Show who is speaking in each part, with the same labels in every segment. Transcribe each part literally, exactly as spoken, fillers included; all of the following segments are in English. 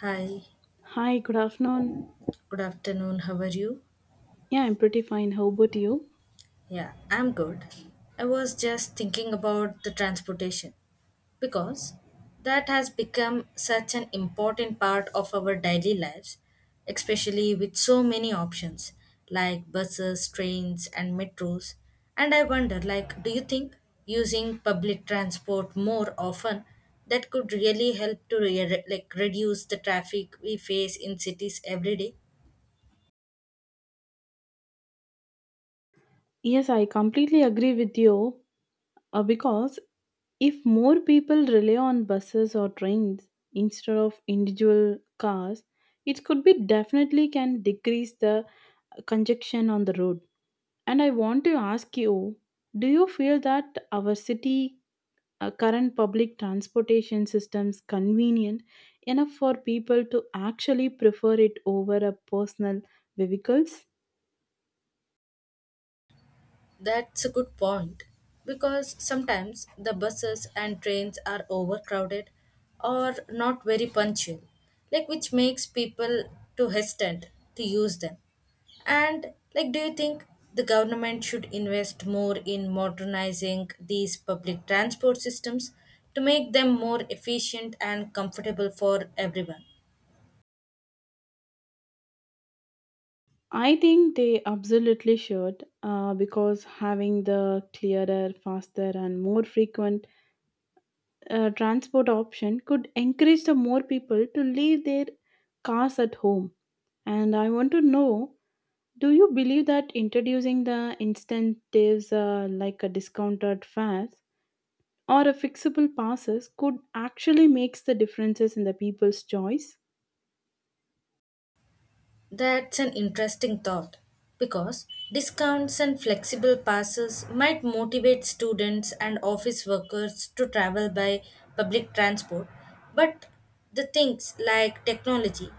Speaker 1: Hi,
Speaker 2: Hi, good afternoon.
Speaker 1: good afternoon. How are you?
Speaker 2: Yeah, I'm pretty fine. How about you?
Speaker 1: Yeah, I'm good. I was just thinking about the transportation because that has become such an important part of our daily lives, especially with so many options like buses, trains, and metros. And I wonder, like, do you think using public transport more often, that could really help to re- like reduce the traffic we face in cities every day?
Speaker 2: Yes, I completely agree with you uh, because if more people rely on buses or trains instead of individual cars, it could be definitely can decrease the congestion on the road. And I want to ask you, do you feel that our city uh, current public transportation systems convenient enough for people to actually prefer it over a personal vehicles?
Speaker 1: That's a good point because sometimes the buses and trains are overcrowded or not very punctual, like which makes people too hesitant to use them. And like do you think the government should invest more in modernizing these public transport systems to make them more efficient and comfortable for everyone?
Speaker 2: I think they absolutely should uh, because having the clearer, faster, and more frequent uh, transport option could encourage the more people to leave their cars at home. And I want to know, do you believe that introducing the incentives uh, like a discounted fares or a fixable passes could actually makes the differences in the people's choice?
Speaker 1: That's an interesting thought because discounts and flexible passes might motivate students and office workers to travel by public transport. But the things like technology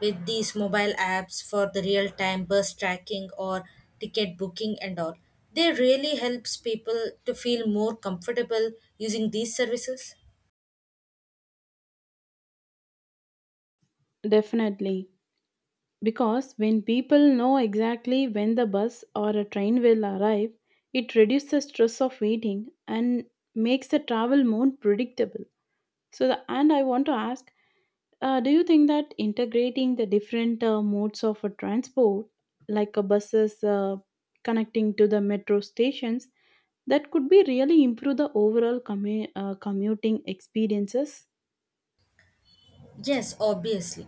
Speaker 1: with these mobile apps for the real time bus tracking or ticket booking and all, they really helps people to feel more comfortable using these services.
Speaker 2: Definitely, because when people know exactly when the bus or a train will arrive, it reduces the stress of waiting and makes the travel more predictable. So the, and I want to ask, Uh, do you think that integrating the different uh, modes of uh, transport, like uh, buses uh, connecting to the metro stations, that could be really improve the overall commu- uh, commuting experiences?
Speaker 1: Yes, obviously.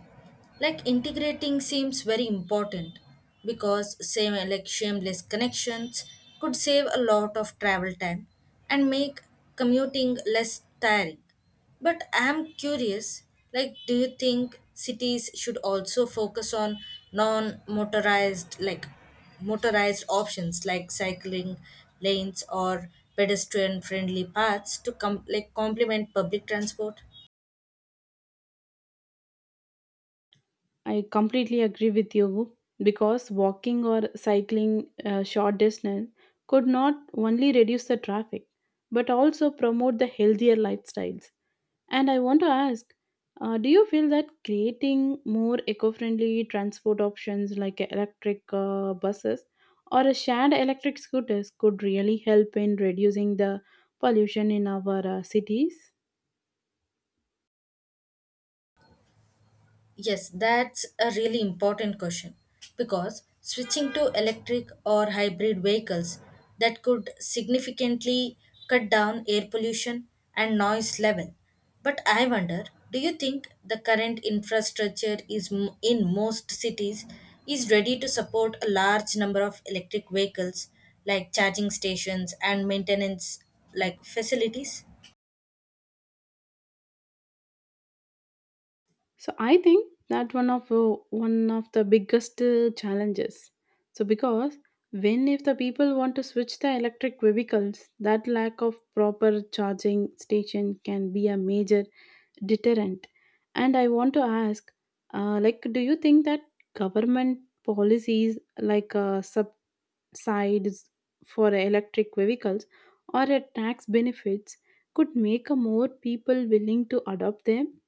Speaker 1: Like integrating seems very important because same like shameless connections could save a lot of travel time and make commuting less tiring. But I'm curious, like do you think cities should also focus on non-motorized like motorized options like cycling lanes or pedestrian friendly paths to com- like complement public transport?
Speaker 2: I completely agree with you because walking or cycling uh, short distance could not only reduce the traffic but also promote the healthier lifestyles. And I want to ask, uh, do you feel that creating more eco-friendly transport options like electric uh, buses or a shared electric scooters could really help in reducing the pollution in our uh, cities?
Speaker 1: Yes, that's a really important question because switching to electric or hybrid vehicles that could significantly cut down air pollution and noise level. But I wonder, do you think the current infrastructure is m- in most cities is ready to support a large number of electric vehicles like charging stations and maintenance like facilities?
Speaker 2: So I think that one of uh, one of the biggest uh, challenges. So because when if the people want to switch the electric vehicles, that lack of proper charging station can be a major deterrent. And I want to ask, uh, like, do you think that government policies like uh, subsidies for electric vehicles or a tax benefits could make a more people willing to adopt them?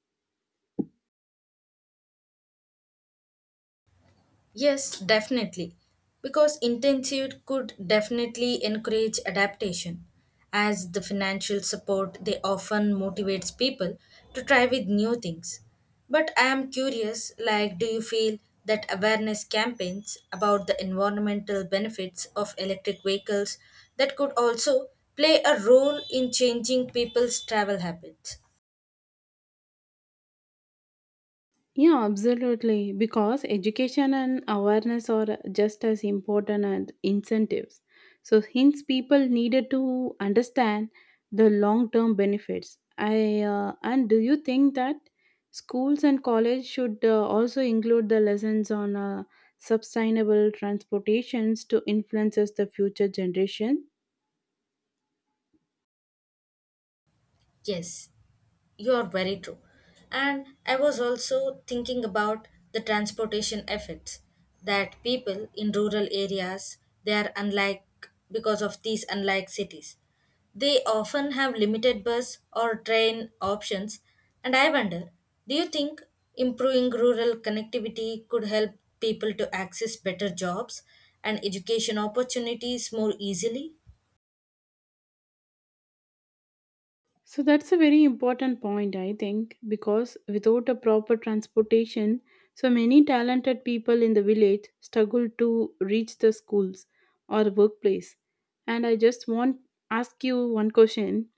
Speaker 1: Yes, definitely. Because intensive could definitely encourage adaptation, as the financial support they often motivates people to try with new things. But I am curious, like do you feel that awareness campaigns about the environmental benefits of electric vehicles, that could also play a role in changing people's travel habits?
Speaker 2: Yeah, absolutely. Because education and awareness are just as important as incentives. So, hence, people needed to understand the long term benefits. I uh, And do you think that schools and college should uh, also include the lessons on uh, sustainable transportations to influences the future generation?
Speaker 1: Yes, you're very true. And I was also thinking about the transportation effects that people in rural areas, they are unlike because of these unlike cities. They often have limited bus or train options, and I wonder, do you think improving rural connectivity could help people to access better jobs and education opportunities more easily?
Speaker 2: So that's a very important point, I think, because without a proper transportation, so many talented people in the village struggle to reach the schools or workplace. And I just want ask you one question.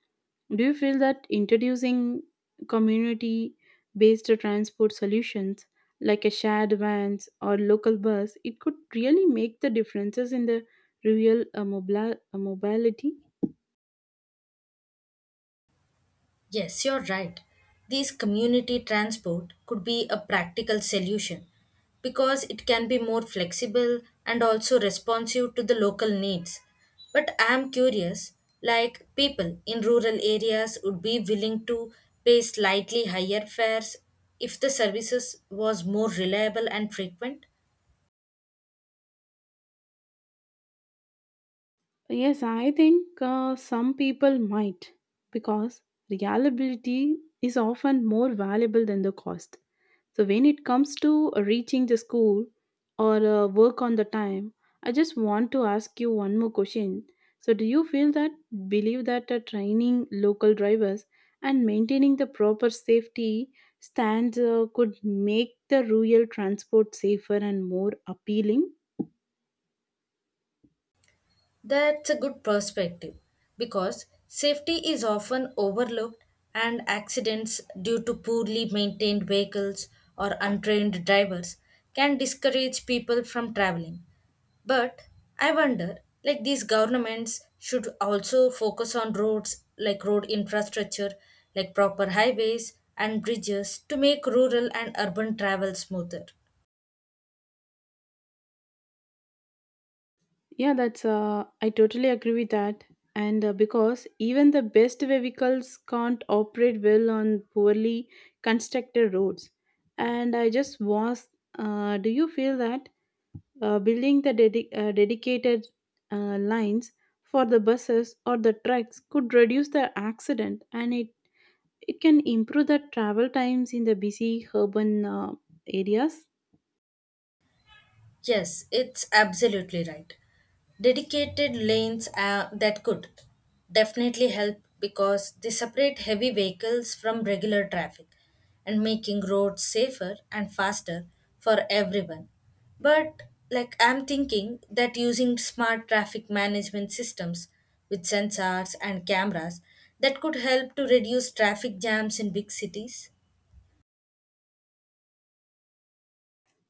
Speaker 2: Do you feel that introducing community based transport solutions like a shared vans or local bus, it could really make the differences in the real uh, mobla- uh, mobility?
Speaker 1: Yes, you're right. These community transport could be a practical solution because it can be more flexible and also responsive to the local needs. But I am curious, like people in rural areas would be willing to pay slightly higher fares if the services was more reliable and frequent?
Speaker 2: So, yes, I think uh, some people might, because reliability is often more valuable than the cost. So, when it comes to uh, reaching the school or uh, work on the time, I just want to ask you one more question. So, do you feel that believe that uh, training local drivers and maintaining the proper safety stands uh, could make the rural transport safer and more appealing?
Speaker 1: That's a good perspective because safety is often overlooked, and accidents due to poorly maintained vehicles or untrained drivers can discourage people from traveling. But I wonder, like these governments should also focus on roads, like road infrastructure, like proper highways and bridges to make rural and urban travel smoother.
Speaker 2: Yeah, that's uh, I totally agree with that. And uh, because even the best vehicles can't operate well on poorly constructed roads. And I just was, uh, do you feel that uh, building the dedi- uh, dedicated uh, lines for the buses or the trucks could reduce the accident and it, it can improve the travel times in the busy urban uh, areas?
Speaker 1: Yes, it's absolutely right. Dedicated lanes uh, that could definitely help because they separate heavy vehicles from regular traffic and making roads safer and faster for everyone. But like I'm thinking that using smart traffic management systems with sensors and cameras, that could help to reduce traffic jams in big cities.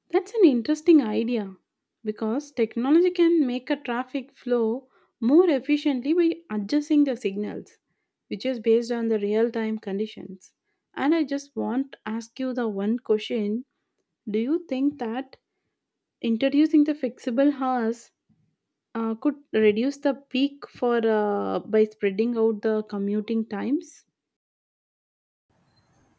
Speaker 2: That's an interesting idea because technology can make a traffic flow more efficiently by adjusting the signals, which is based on the real time conditions. And I just want to ask you the one question. Do you think that introducing the flexible hours uh, could reduce the peak for uh, by spreading out the commuting times?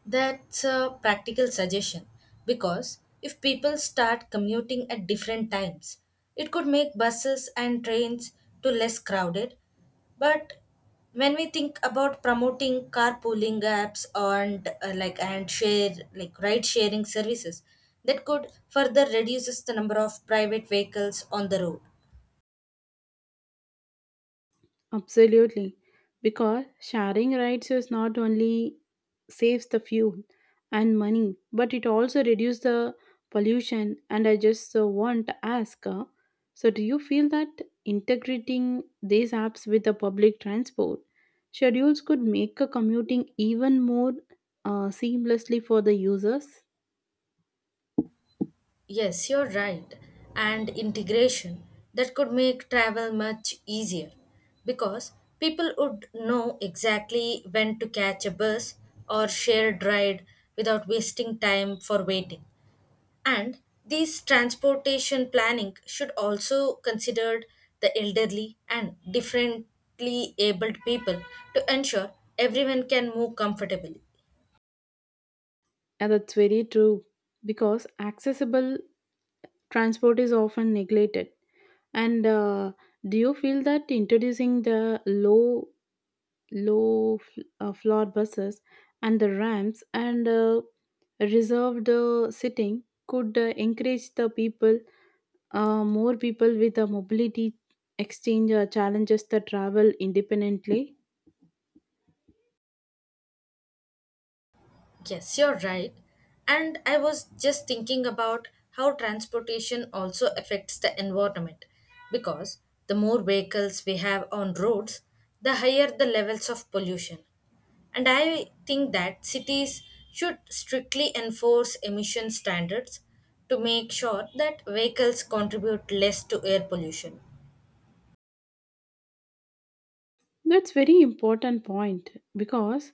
Speaker 1: That's a practical suggestion because if people start commuting at different times, it could make buses and trains to less crowded. But when we think about promoting carpooling apps and uh, like and share like ride sharing services, that could further reduces the number of private vehicles on the road.
Speaker 2: Absolutely. Because sharing rides is not only saves the fuel and money, but it also reduces the pollution. And I just uh, want to ask uh, so, do you feel that integrating these apps with the public transport schedules could make a commuting even more uh, seamlessly for the users?
Speaker 1: Yes, you're right. And integration, that could make travel much easier because people would know exactly when to catch a bus or shared ride without wasting time for waiting. And these transportation planning should also consider the elderly and differently abled people to ensure everyone can move comfortably.
Speaker 2: And that's very true because accessible transport is often neglected. And uh, do you feel that introducing the low low f- uh, floor buses and the ramps and uh, reserved uh, sitting could uh, encourage the people, uh, more people with the mobility exchange uh, challenges, that travel independently?
Speaker 1: Yes, you're right. And I was just thinking about how transportation also affects the environment because the more vehicles we have on roads, the higher the levels of pollution. And I think that cities should strictly enforce emission standards to make sure that vehicles contribute less to air pollution.
Speaker 2: That's very important point, because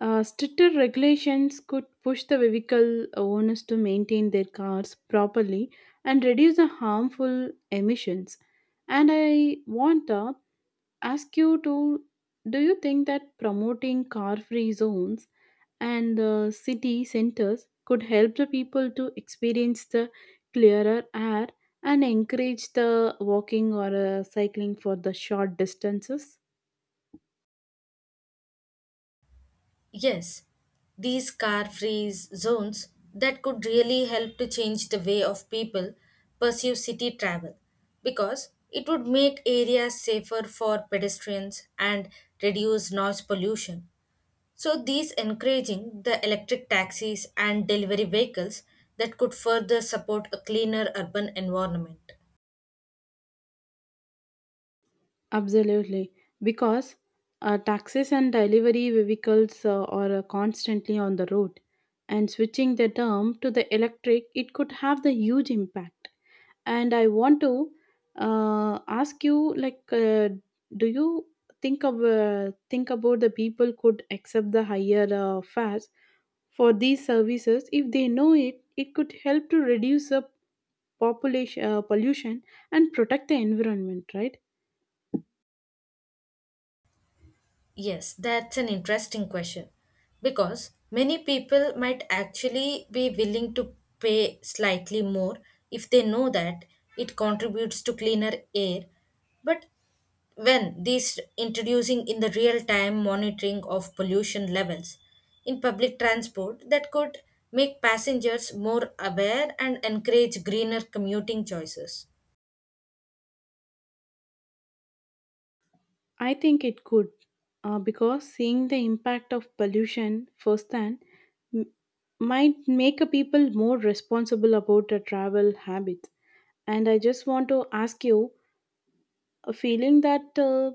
Speaker 2: uh, stricter regulations could push the vehicle owners to maintain their cars properly and reduce the harmful emissions. And I want to ask you to, do you think that promoting car-free zones and uh, city centers could help the people to experience the clearer air and encourage the walking or uh, cycling for the short distances?
Speaker 1: Yes, these car free zones, that could really help to change the way of people pursue city travel because it would make areas safer for pedestrians and reduce noise pollution. So, these encouraging the electric taxis and delivery vehicles, that could further support a cleaner urban environment.
Speaker 2: Absolutely, because uh, taxis and delivery vehicles uh, are uh, constantly on the road, and switching the term to the electric, it could have the huge impact. And I want to uh, ask you, like, uh, do you think of uh, think about the people could accept the higher uh, fares for these services if they know it? It could help to reduce the population uh, pollution and protect the environment, right?
Speaker 1: Yes, that's an interesting question because many people might actually be willing to pay slightly more if they know that it contributes to cleaner air. But when these introducing in the real time monitoring of pollution levels in public transport, that could make passengers more aware and encourage greener commuting choices.
Speaker 2: I think it could, uh, because seeing the impact of pollution firsthand might make a people more responsible about their travel habits. And I just want to ask you a feeling that uh,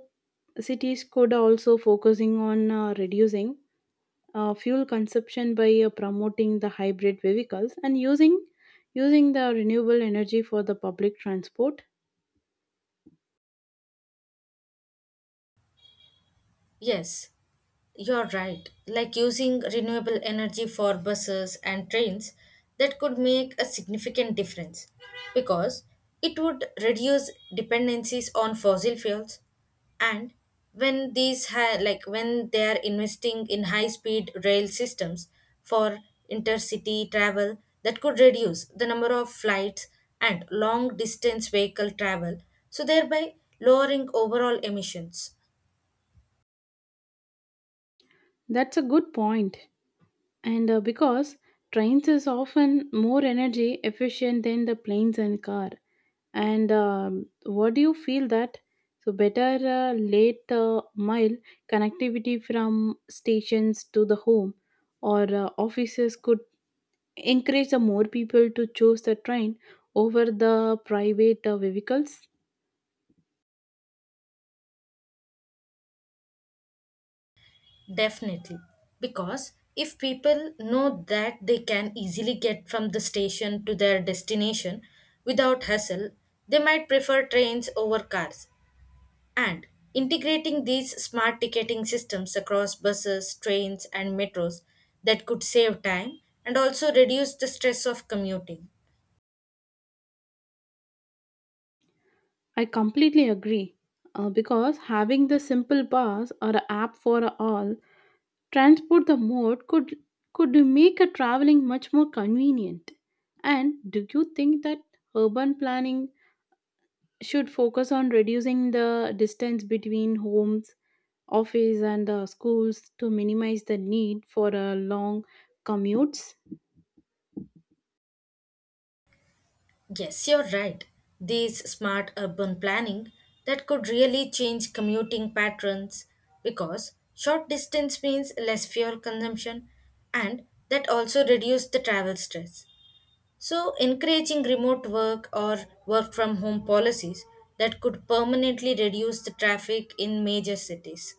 Speaker 2: cities could also focusing on uh, reducing uh, fuel consumption by uh, promoting the hybrid vehicles and using using the renewable energy for the public transport.
Speaker 1: Yes, you're right. Like using renewable energy for buses and trains, that could make a significant difference because it would reduce dependencies on fossil fuels, and when these ha- like when they are investing in high speed rail systems for intercity travel, that could reduce the number of flights and long distance vehicle travel, so thereby lowering overall emissions.
Speaker 2: That's a good point. And uh, because trains is often more energy efficient than the planes and car. And um, what do you feel that so better uh, late uh, mile connectivity from stations to the home or uh, offices could encourage the more people to choose the train over the private uh, vehicles?
Speaker 1: Definitely. Because if people know that they can easily get from the station to their destination without hassle, they might prefer trains over cars. And integrating these smart ticketing systems across buses, trains, and metros, that could save time and also reduce the stress of commuting.
Speaker 2: I completely agree, uh, because having the simple pass or a app for all transport the mode could could make a traveling much more convenient. And do you think that urban planning should focus on reducing the distance between homes, office and the schools to minimize the need for uh, long commutes?
Speaker 1: Yes, you're right. These smart urban planning, that could really change commuting patterns because short distance means less fuel consumption, and that also reduce the travel stress. So encouraging remote work or work from home policies, that could permanently reduce the traffic in major cities.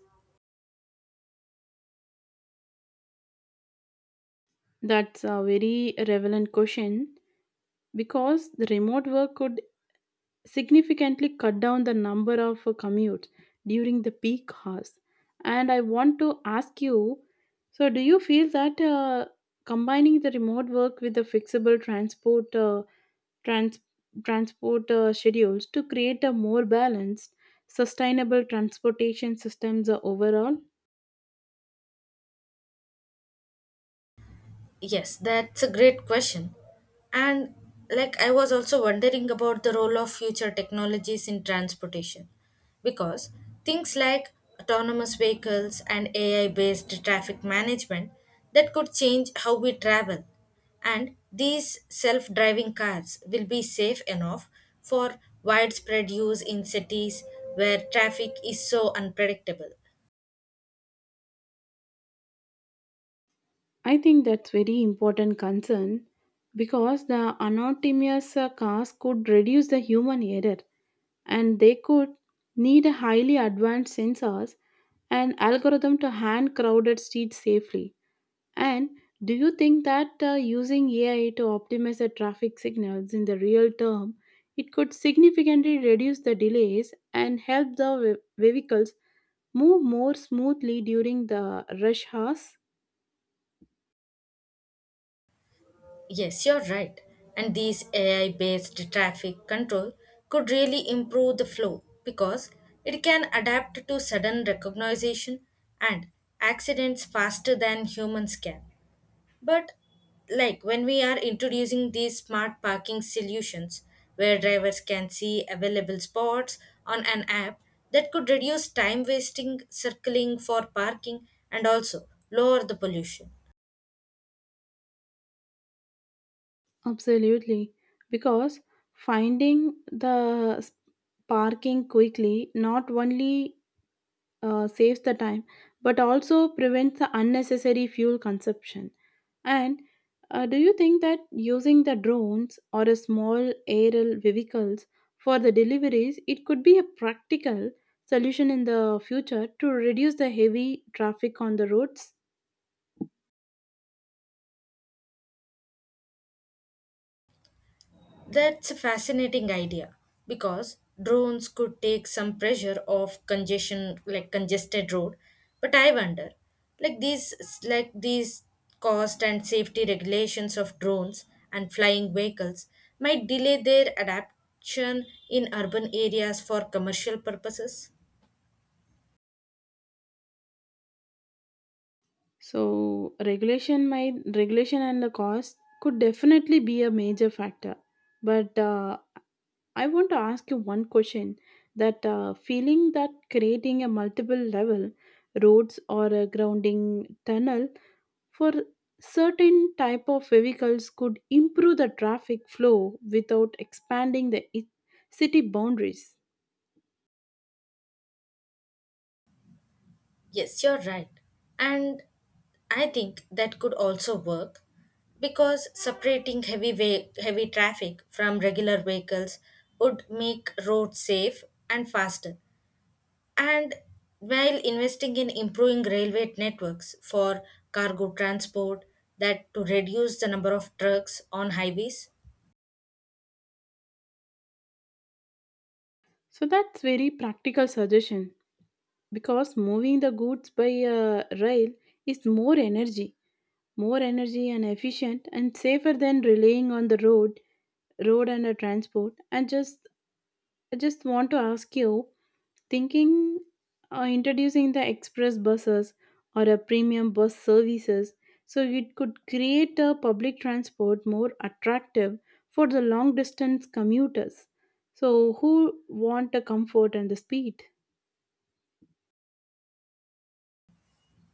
Speaker 2: That's a very relevant question because the remote work could significantly cut down the number of uh, commutes during the peak hours. And I want to ask you, so, do you feel that uh, combining the remote work with the flexible transport, uh, trans- transport uh, schedules to create a more balanced, sustainable transportation systems uh, overall?
Speaker 1: Yes, that's a great question. And like I was also wondering about the role of future technologies in transportation because things like autonomous vehicles and A I based traffic management, that could change how we travel, and these self-driving cars will be safe enough for widespread use in cities where traffic is so unpredictable.
Speaker 2: I think that's very important concern, because the anonymous uh, cars could reduce the human error, and they could need a highly advanced sensors and algorithm to hand crowded streets safely. And do you think that uh, using A I to optimize the traffic signals in the real term, it could significantly reduce the delays and help the ve- vehicles move more smoothly during the rush hours?
Speaker 1: Yes, you're right. And these A I based traffic control could really improve the flow because it can adapt to sudden recognition and accidents faster than humans can. But, like when we are introducing these smart parking solutions where drivers can see available spots on an app, that could reduce time wasting, circling for parking, and also lower the pollution.
Speaker 2: Absolutely, because finding the s- parking quickly not only uh, saves the time but also prevents the unnecessary fuel consumption. And uh, do you think that using the drones or a small aerial vehicles for the deliveries, it could be a practical solution in the future to reduce the heavy traffic on the roads?
Speaker 1: That's a fascinating idea because drones could take some pressure off congestion like congested road, but I wonder, like these like these cost and safety regulations of drones and flying vehicles might delay their adaptation in urban areas for commercial purposes.
Speaker 2: So regulation might regulation and the cost could definitely be a major factor, but uh, I want to ask you one question, that uh, feeling that creating a multiple level roads or a grounding tunnel for certain type of vehicles could improve the traffic flow without expanding the i- city boundaries.
Speaker 1: Yes, you're right. And I think that could also work because separating heavy ve- heavy traffic from regular vehicles would make roads safe and faster. And while investing in improving railway networks for cargo transport, that to reduce the number of trucks on highways.
Speaker 2: So that's very practical suggestion because moving the goods by uh, rail is more energy, more energy and efficient and safer than relying on the road, road and the transport. And just I just want to ask you, thinking uh, introducing the express buses or a premium bus services, so it could create a public transport more attractive for the long distance commuters. So who want the comfort and the speed?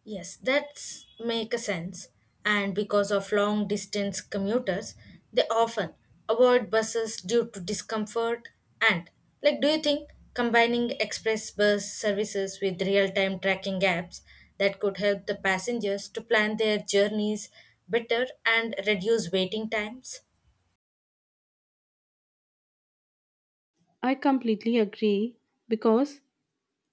Speaker 1: Yes, that's make a sense. And because of long distance commuters, they often avoid buses due to discomfort, and like do you think combining express bus services with real-time tracking apps, that could help the passengers to plan their journeys better and reduce waiting times?
Speaker 2: I completely agree because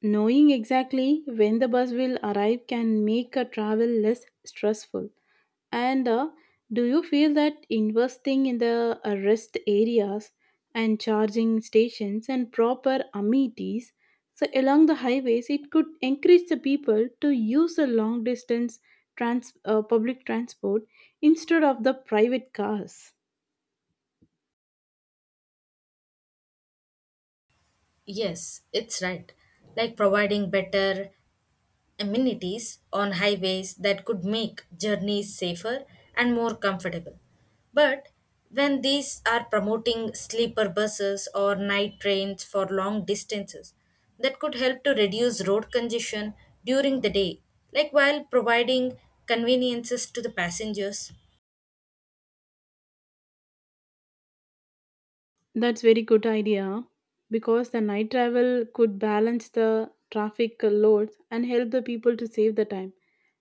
Speaker 2: knowing exactly when the bus will arrive can make a travel less stressful. And uh, do you feel that investing in the uh, rest areas and charging stations and proper amenities so along the highways, it could encourage the people to use the long distance trans- uh, public transport instead of the private cars?
Speaker 1: Yes, it's right. Like providing better amenities on highways, that could make journeys safer and more comfortable. But when these are promoting sleeper buses or night trains for long distances, that could help to reduce road congestion during the day, like while providing conveniences to the passengers.
Speaker 2: That's very good idea because the night travel could balance the traffic loads and help the people to save the time.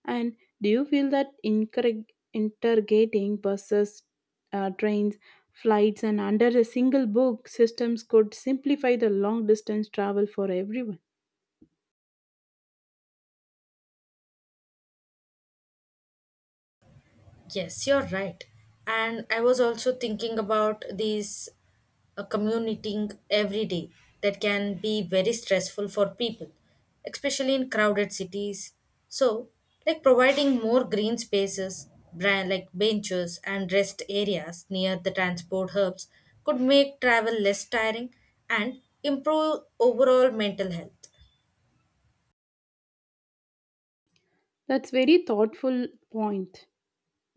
Speaker 2: And do you feel that incorreg- interrogating buses, uh, trains, flights, and under a single book systems could simplify the long distance travel for everyone?
Speaker 1: Yes, you're right. And I was also thinking about these uh, commuting every day, that can be very stressful for people, especially in crowded cities. So, like providing more green spaces, bran- like benches and rest areas near the transport hubs could make travel less tiring and improve overall mental health.
Speaker 2: That's very thoughtful point.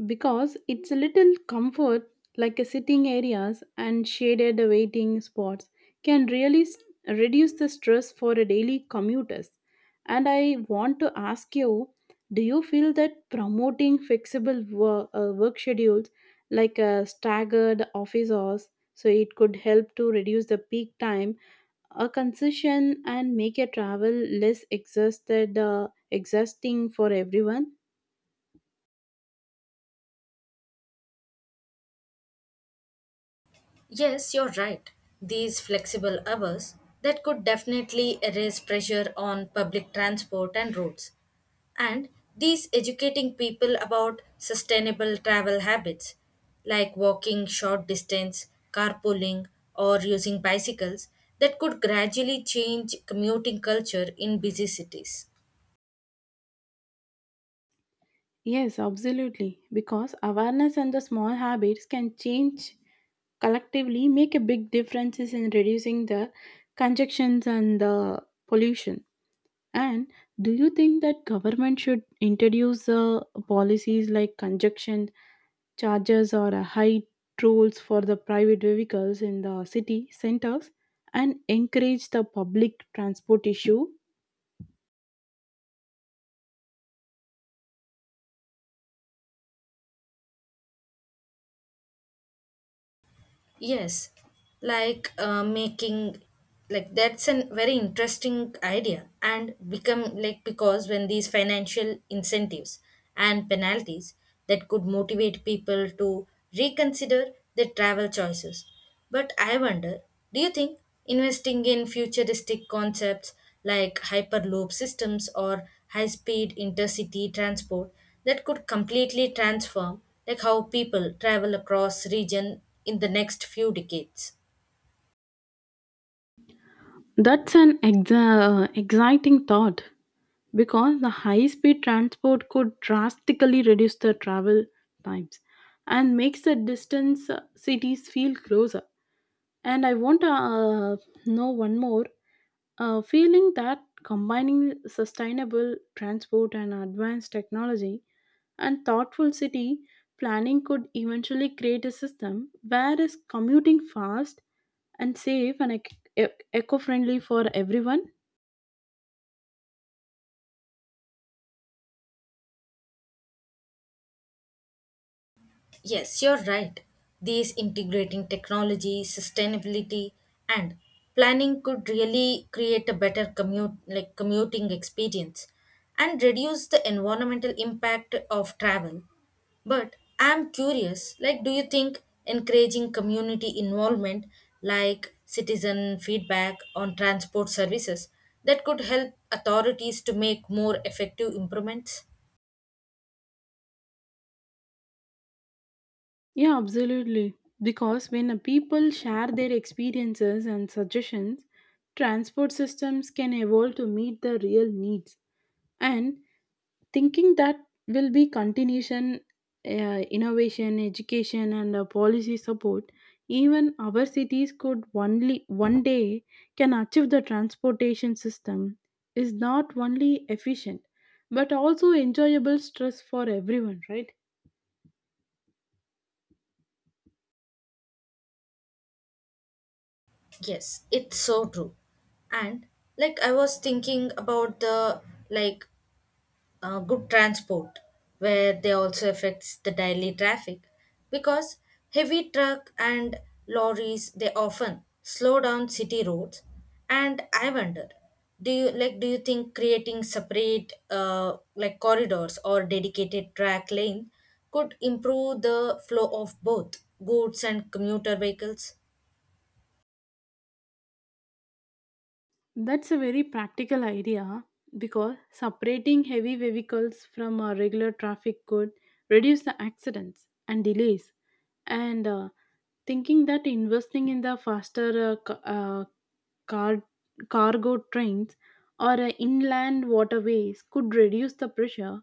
Speaker 2: Because it's a little comfort, like a sitting areas and shaded waiting spots, can really s- reduce the stress for a daily commuters. And I want to ask you, do you feel that promoting flexible work, uh, work schedules like a staggered office hours, so it could help to reduce the peak time a concession and make a travel less exhausted uh, exhausting for everyone?
Speaker 1: Yes, you're right. These flexible hours, that could definitely erase pressure on public transport and roads. And these educating people about sustainable travel habits, like walking short distance, carpooling, or using bicycles, that could gradually change commuting culture in busy cities.
Speaker 2: Yes, absolutely. Because awareness and the small habits can change collectively, make a big differences in reducing the congestions and the pollution. And do you think that government should introduce uh, policies like congestion charges or a height rules for the private vehicles in the city centers and encourage the public transport issue?
Speaker 1: Yes, like uh, making like that's a very interesting idea, and become like because when these financial incentives and penalties, that could motivate people to reconsider their travel choices, but I wonder, do you think investing in futuristic concepts like hyperloop systems or high-speed intercity transport, that could completely transform like how people travel across region in the next few decades?
Speaker 2: That's an exa- uh, exciting thought because the high speed transport could drastically reduce the travel times and makes the distance uh, cities feel closer. And I want to uh, know one more uh, feeling that combining sustainable transport and advanced technology and thoughtful city planning could eventually create a system where is commuting fast and safe and ec- ec- eco-friendly for everyone.
Speaker 1: Yes, you're right. These integrating technology, sustainability, and planning could really create a better commute like commuting experience and reduce the environmental impact of travel. But I'm curious, like do you think encouraging community involvement like citizen feedback on transport services, that could help authorities to make more effective improvements?
Speaker 2: Yeah, absolutely, because when a people share their experiences and suggestions, transport systems can evolve to meet the real needs. And thinking that will be continuation, uh, innovation education and uh, policy support, even our cities could only one day can achieve the transportation system is not only efficient but also enjoyable stress for everyone, right?
Speaker 1: Yes, it's so true. And like I was thinking about the like uh, good transport where they also affects the daily traffic because heavy truck and lorries they often slow down city roads, and I wonder, do you like do you think creating separate uh, like corridors or dedicated track lane could improve the flow of both goods and commuter vehicles?
Speaker 2: That's a very practical idea because separating heavy vehicles from uh, regular traffic could reduce the accidents and delays. And uh, thinking that investing in the faster uh, ca- uh, car- cargo trains or uh, inland waterways could reduce the pressure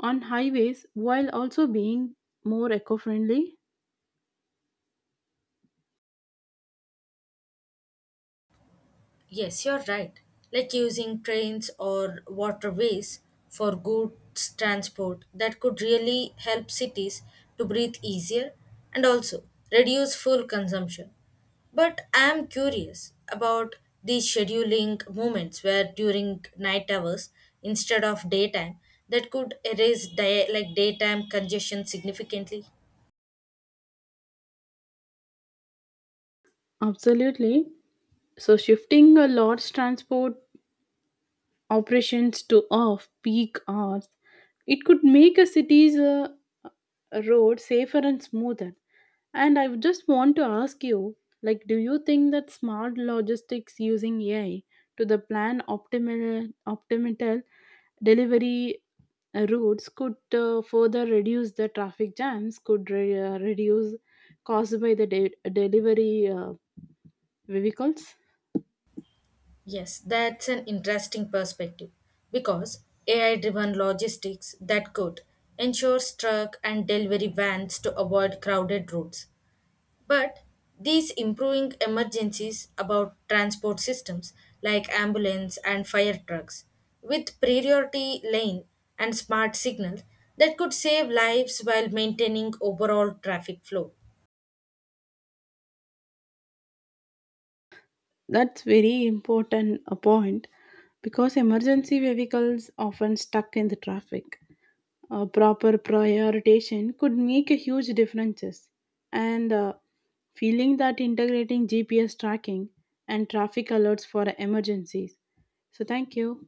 Speaker 2: on highways while also being more eco friendly?
Speaker 1: Yes, you're right. Like using trains or waterways for goods transport, that could really help cities to breathe easier and also reduce fuel consumption. But I am curious about these scheduling moments where during night hours instead of daytime, that could erase day, like daytime congestion significantly.
Speaker 2: Absolutely. So, shifting a large transport operations to off peak hours. It could make a city's uh, road safer and smoother. And I just want to ask you, like, do you think that smart logistics using A I to the plan optimal optimal delivery uh, routes could uh, further reduce the traffic jams, could re- uh, reduce caused by the de- delivery uh, vehicles?
Speaker 1: Yes, that's an interesting perspective because A I driven logistics, that could ensure truck and delivery vans to avoid crowded roads. But these improving emergencies about transport systems like ambulance and fire trucks with priority lane and smart signals, that could save lives while maintaining overall traffic flow.
Speaker 2: That's very important a point because emergency vehicles often stuck in the traffic. A proper prioritization could make a huge differences. And uh, feeling that integrating G P S tracking and traffic alerts for emergencies. So thank you.